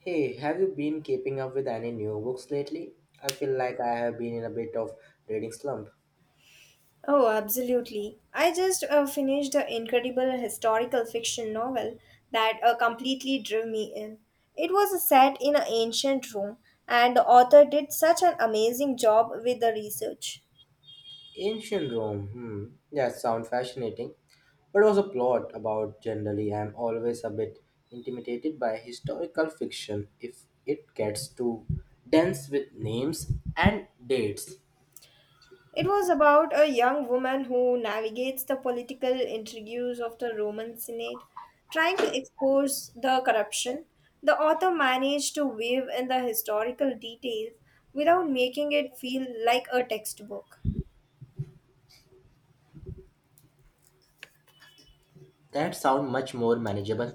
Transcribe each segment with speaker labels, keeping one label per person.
Speaker 1: Hey, have you been keeping up with any new books lately? I feel like I have been in a bit of reading slump.
Speaker 2: Oh, absolutely. I just finished an incredible historical fiction novel that completely drew me in. It was set in an ancient Rome, and the author did such an amazing job with the research.
Speaker 1: Ancient Rome, hmm, that sounds fascinating. But was a plot about generally I'm always a bit intimidated by historical fiction if it gets too dense with names and dates.
Speaker 2: It was about a young woman who navigates the political intrigues of the Roman Senate, trying to expose the corruption. The author managed to weave in the historical details without making it feel like a textbook.
Speaker 1: That sound much more manageable.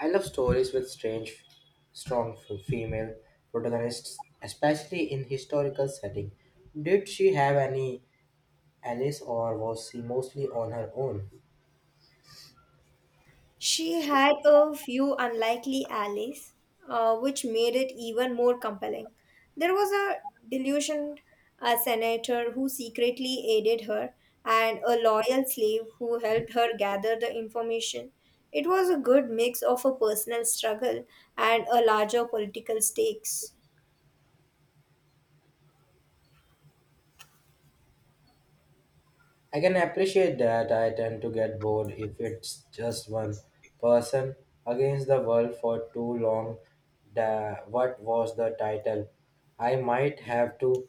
Speaker 1: I love stories with strange, strong female protagonists, especially in historical setting. Did she have any Alice, or was she mostly on her own?
Speaker 2: She had a few unlikely allies, which made it even more compelling. There was a delusioned senator who secretly aided her, and a loyal slave who helped her gather the information. It was a good mix of a personal struggle and a larger political stakes.
Speaker 1: I can appreciate that I tend to get bored if it's just one person against the world for too long. The, what was the title? I might have to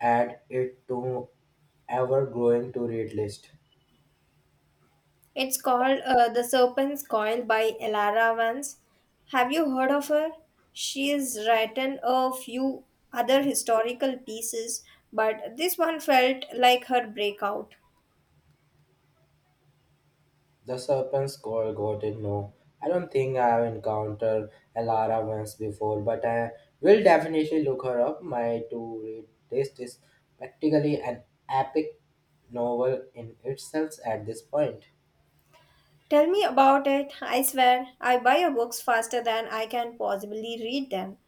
Speaker 1: add it to ever growing to read list.
Speaker 2: It's called The Serpent's Coil by Elara Vance. Have you heard of her? She has written a few other historical pieces, but this one felt like her breakout.
Speaker 1: The serpent squirrel got it. No, I don't think I have encountered Alara once before, but I will definitely look her up. My to read list is practically an epic novel in itself at this point.
Speaker 2: Tell me about it. I swear, I buy her books faster than I can possibly read them.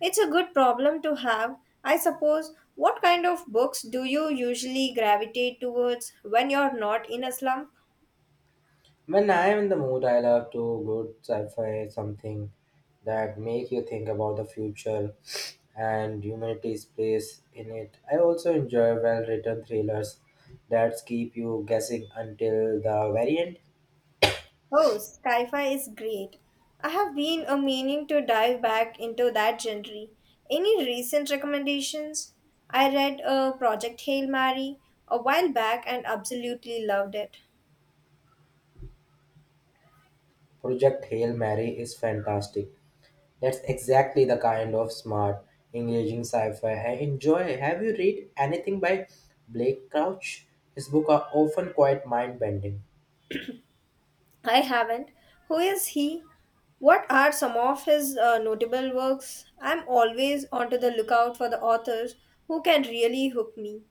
Speaker 2: It's a good problem to have. I suppose, what kind of books do you usually gravitate towards when you're not in a slump?
Speaker 1: When I am in the mood, I love to good sci-fi something that make you think about the future and humanity's place in it. I also enjoy well-written thrillers that keep you guessing until the very end.
Speaker 2: Oh, sci-fi is great. I have been a meaning to dive back into that genre. Any recent recommendations? I read a Project Hail Mary a while back and absolutely loved it.
Speaker 1: Project Hail Mary is fantastic. That's exactly the kind of smart, engaging sci-fi I enjoy. Have you read anything by Blake Crouch? His books are often quite mind-bending.
Speaker 2: I haven't. Who is he? What are some of his notable works? I'm always onto the lookout for the authors who can really hook me.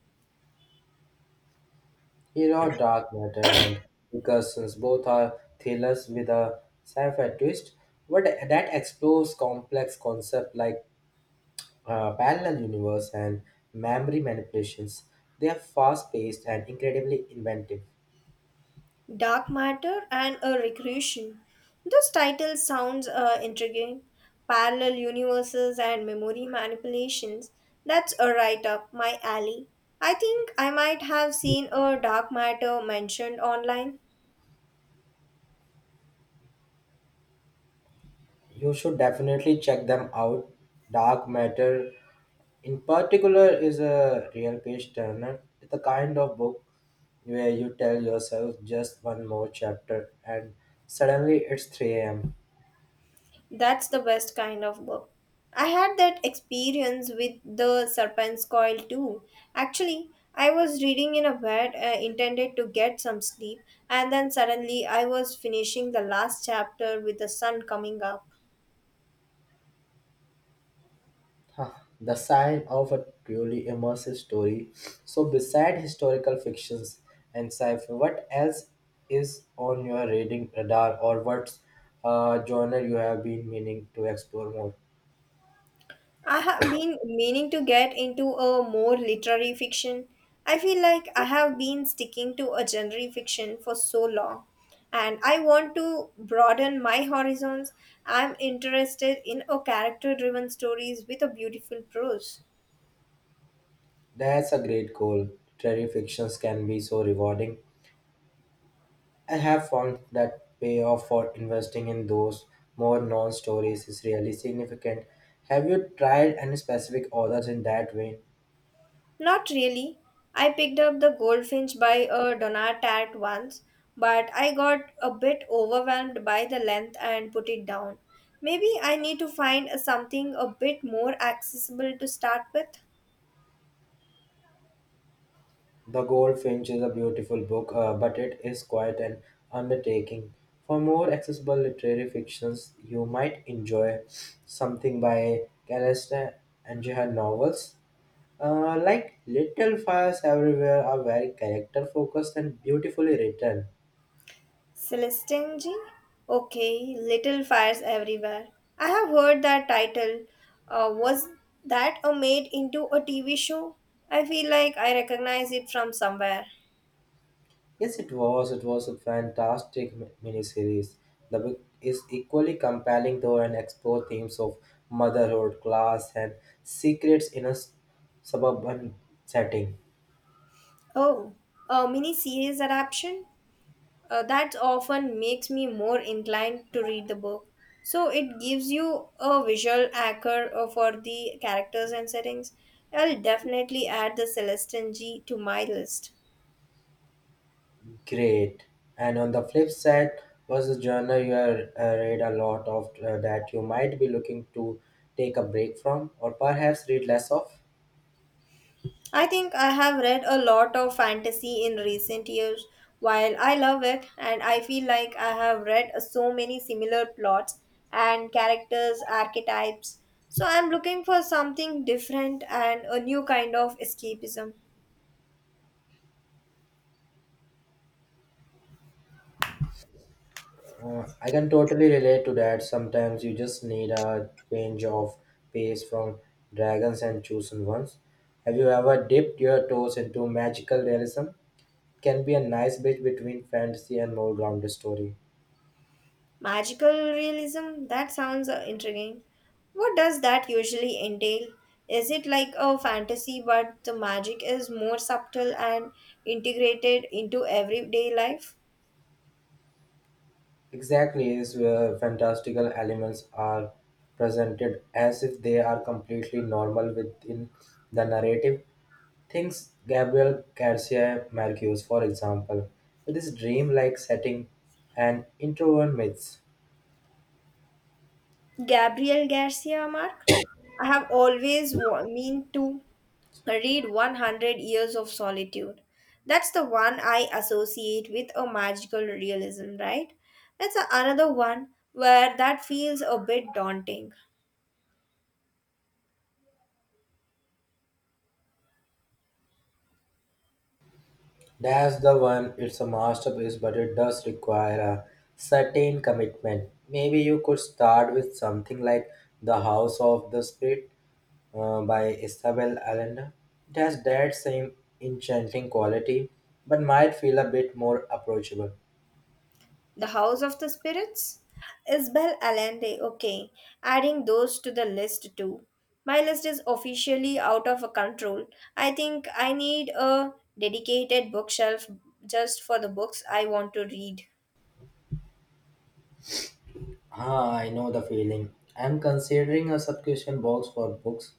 Speaker 1: He wrote Dark Matter and Recursions. Both are thrillers with a sci-fi twist, but that explores complex concepts like parallel universe and memory manipulations. They are fast-paced and incredibly inventive.
Speaker 2: Dark Matter and a Recreation. This title sounds intriguing. Parallel universes and memory manipulations. That's a right up my alley. I think I might have seen a dark matter mentioned online.
Speaker 1: You should definitely check them out. Dark Matter, in particular, is a real page turner. It's the kind of book where you tell yourself just one more chapter and suddenly it's 3 a.m.
Speaker 2: That's the best kind of book. I had that experience with The Serpent's Coil too. Actually, I was reading in a bed intended to get some sleep, and then suddenly I was finishing the last chapter with the sun coming up.
Speaker 1: Huh, the sign of a truly immersive story. So, beside historical fictions and sci fi, what else is on your reading radar, or what genre you have been meaning to explore more?
Speaker 2: I have been meaning to get into a more literary fiction. I feel like I have been sticking to a genre fiction for so long, and I want to broaden my horizons. I'm interested in a character driven stories with a beautiful prose.
Speaker 1: That's a great goal. Literary fictions can be so rewarding. I have found that payoff for investing in those more known stories is really significant. Have you tried any specific authors in that vein?
Speaker 2: Not really. I picked up The Goldfinch by a Donat at once, but I got a bit overwhelmed by the length and put it down. Maybe I need to find something a bit more accessible to start with.
Speaker 1: The Goldfinch is a beautiful book, but it is quite an undertaking. For more accessible literary fictions, you might enjoy something by Calista and her novels. Like Little Fires Everywhere are very character focused and beautifully written.
Speaker 2: Celestinji? Okay, Little Fires Everywhere. I have heard that title. Was that a made into a TV show? I feel like I recognize it from somewhere.
Speaker 1: Yes, it was. It was a fantastic miniseries. The book is equally compelling though and explore themes of motherhood, class, and secrets in a suburban setting.
Speaker 2: Oh, a mini series adaptation? That often makes me more inclined to read the book. So it gives you a visual anchor for the characters and settings. I'll definitely add the Celestine G to my list.
Speaker 1: Great. And on the flip side was a journal you read a lot of that you might be looking to take a break from or perhaps read less of.
Speaker 2: I think I have read a lot of fantasy in recent years. While I love it, and I feel like I have read so many similar plots and characters, archetypes. So I'm looking for something different and a new kind of escapism.
Speaker 1: I can totally relate to that. Sometimes you just need a change of pace from dragons and chosen ones. Have you ever dipped your toes into magical realism? Can be a nice bridge between fantasy and more grounded story.
Speaker 2: Magical realism? That sounds intriguing. What does that usually entail? Is it like a fantasy, but the magic is more subtle and integrated into everyday life?
Speaker 1: Exactly, is where fantastical elements are presented as if they are completely normal within the narrative. Thinks Gabriel Garcia Marquez, for example, with his dreamlike setting and introvert myths.
Speaker 2: Gabriel Garcia Mark? I have always meant to read 100 Years of Solitude. That's the one I associate with a magical realism, right? It's another one where that feels a bit daunting.
Speaker 1: That's the one. It's a masterpiece, but it does require a certain commitment. Maybe you could start with something like The House of the Spirit by Isabel Allende. It has that same enchanting quality, but might feel a bit more approachable.
Speaker 2: The House of the Spirits? Isabel Allende. Okay, adding those to the list too. My list is officially out of control. I think I need a dedicated bookshelf just for the books I want to read.
Speaker 1: Ah, I know the feeling. I'm considering a subscription box for books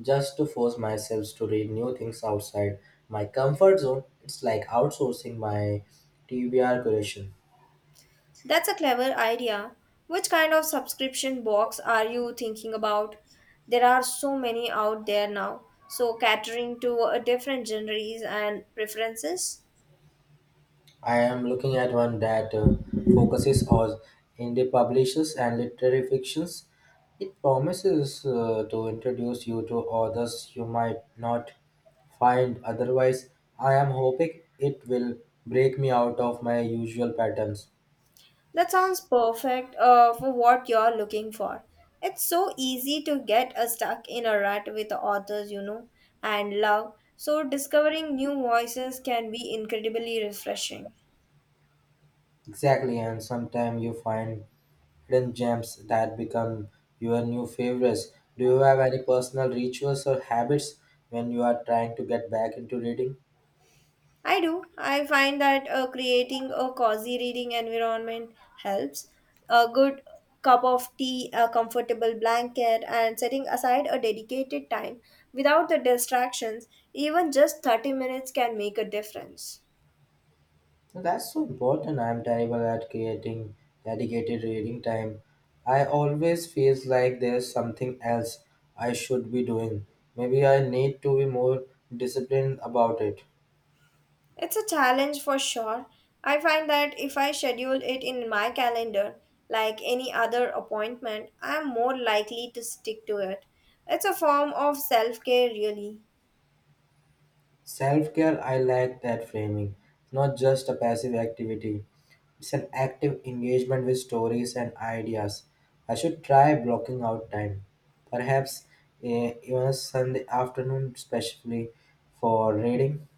Speaker 1: just to force myself to read new things outside my comfort zone. It's like outsourcing my TBR creation.
Speaker 2: That's a clever idea. Which kind of subscription box are you thinking about? There are so many out there now, so catering to different genres and preferences.
Speaker 1: I am looking at one that focuses on indie publishers and literary fictions. It promises to introduce you to authors you might not find otherwise. I am hoping it will break me out of my usual patterns.
Speaker 2: That sounds perfect for what you're looking for. It's so easy to get stuck in a rut with authors you know and love, so discovering new voices can be incredibly refreshing.
Speaker 1: Exactly, and sometimes you find hidden gems that become your new favorites. Do you have any personal rituals or habits when you are trying to get back into reading?
Speaker 2: I do. I find that creating a cozy reading environment helps. A good cup of tea, a comfortable blanket, and setting aside a dedicated time without the distractions, even just 30 minutes can make a difference.
Speaker 1: That's so important. I'm terrible at creating dedicated reading time. I always feels like there's something else I should be doing. Maybe I need to be more disciplined about it.
Speaker 2: It's a challenge for sure. I find that if I schedule it in my calendar, like any other appointment, I am more likely to stick to it. It's a form of self care, really.
Speaker 1: Self care, I like that framing. It's not just a passive activity, it's an active engagement with stories and ideas. I should try blocking out time. Perhaps even a Sunday afternoon, especially for reading.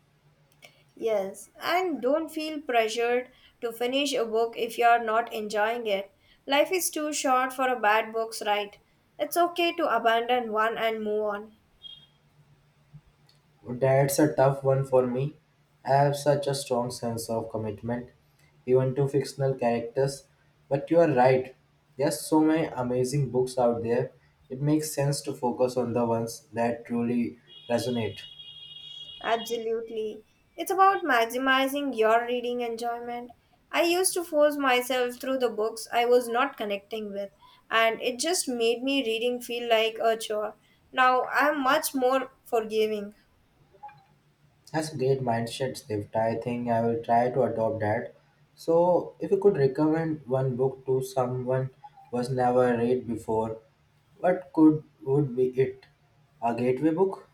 Speaker 2: Yes, and don't feel pressured to finish a book if you are not enjoying it. Life is too short for a bad books, right? It's okay to abandon one and move on.
Speaker 1: That's a tough one for me. I have such a strong sense of commitment, even to fictional characters. But you are right. There's so many amazing books out there. It makes sense to focus on the ones that truly resonate.
Speaker 2: Absolutely. It's about maximizing your reading enjoyment. I used to force myself through the books I was not connecting with, and it just made me reading feel like a chore. Now I'm much more forgiving.
Speaker 1: That's a great mindset shift. I think I will try to adopt that. So, if you could recommend one book to someone who's never read before, what could would be it? A gateway book?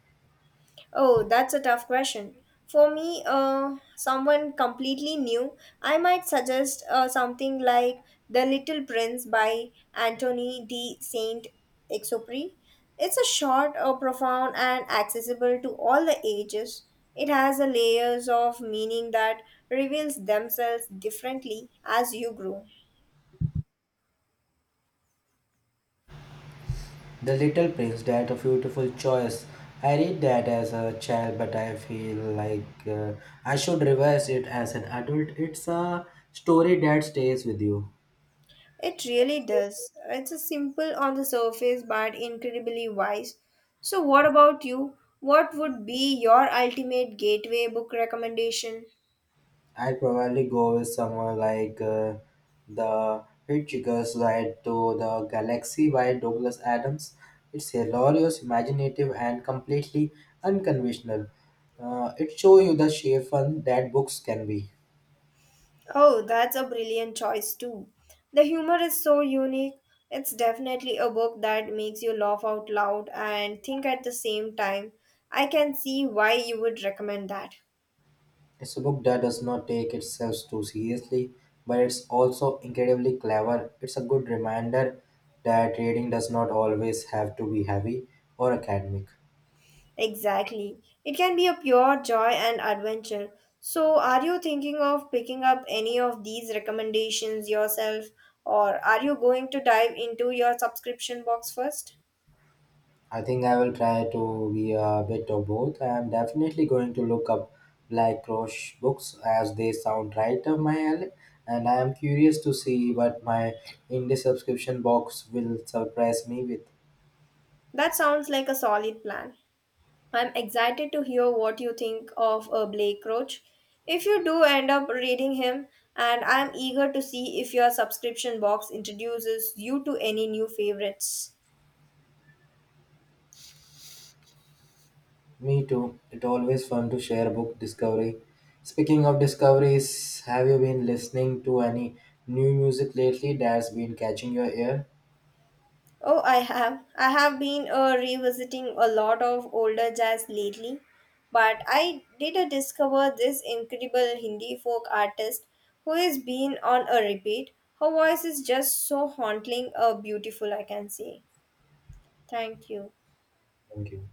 Speaker 2: Oh, that's a tough question. For me, someone completely new, I might suggest something like The Little Prince by Anthony de Saint Exupery. It's a short, profound, and accessible to all the ages. It has a layers of meaning that reveals themselves differently as you grow.
Speaker 1: The Little Prince, that a beautiful choice. I read that as a child, but I feel like I should revise it as an adult. It's a story that stays with you.
Speaker 2: It really does. It's a simple on the surface but incredibly wise. So, what about you? What would be your ultimate gateway book recommendation?
Speaker 1: I'd probably go with someone like The Hitchhiker's Ride to the Galaxy by Douglas Adams. It's hilarious, imaginative, and completely unconventional. It shows you the sheer fun that books can be.
Speaker 2: Oh, that's a brilliant choice, too. The humor is so unique. It's definitely a book that makes you laugh out loud and think at the same time. I can see why you would recommend that.
Speaker 1: It's a book that does not take itself too seriously, but it's also incredibly clever. It's a good reminder that reading does not always have to be heavy or academic.
Speaker 2: Exactly. It can be a pure joy and adventure. So, are you thinking of picking up any of these recommendations yourself, or are you going to dive into your subscription box first?
Speaker 1: I think I will try to be a bit of both. I am definitely going to look up Black Cross books as they sound right up my alley, and I am curious to see what my indie subscription box will surprise me with.
Speaker 2: That sounds like a solid plan. I'm excited to hear what you think of Blake Roach. If you do end up reading him, and I'm eager to see if your subscription box introduces you to any new favorites.
Speaker 1: Me too. It's always fun to share book discovery. Speaking of discoveries, have you been listening to any new music lately that's been catching your ear?
Speaker 2: Oh, I have. I have been revisiting a lot of older jazz lately, but I did discover this incredible Hindi folk artist who has been on a repeat. Her voice is just so haunting, beautiful, I can say. Thank you.
Speaker 1: Thank you.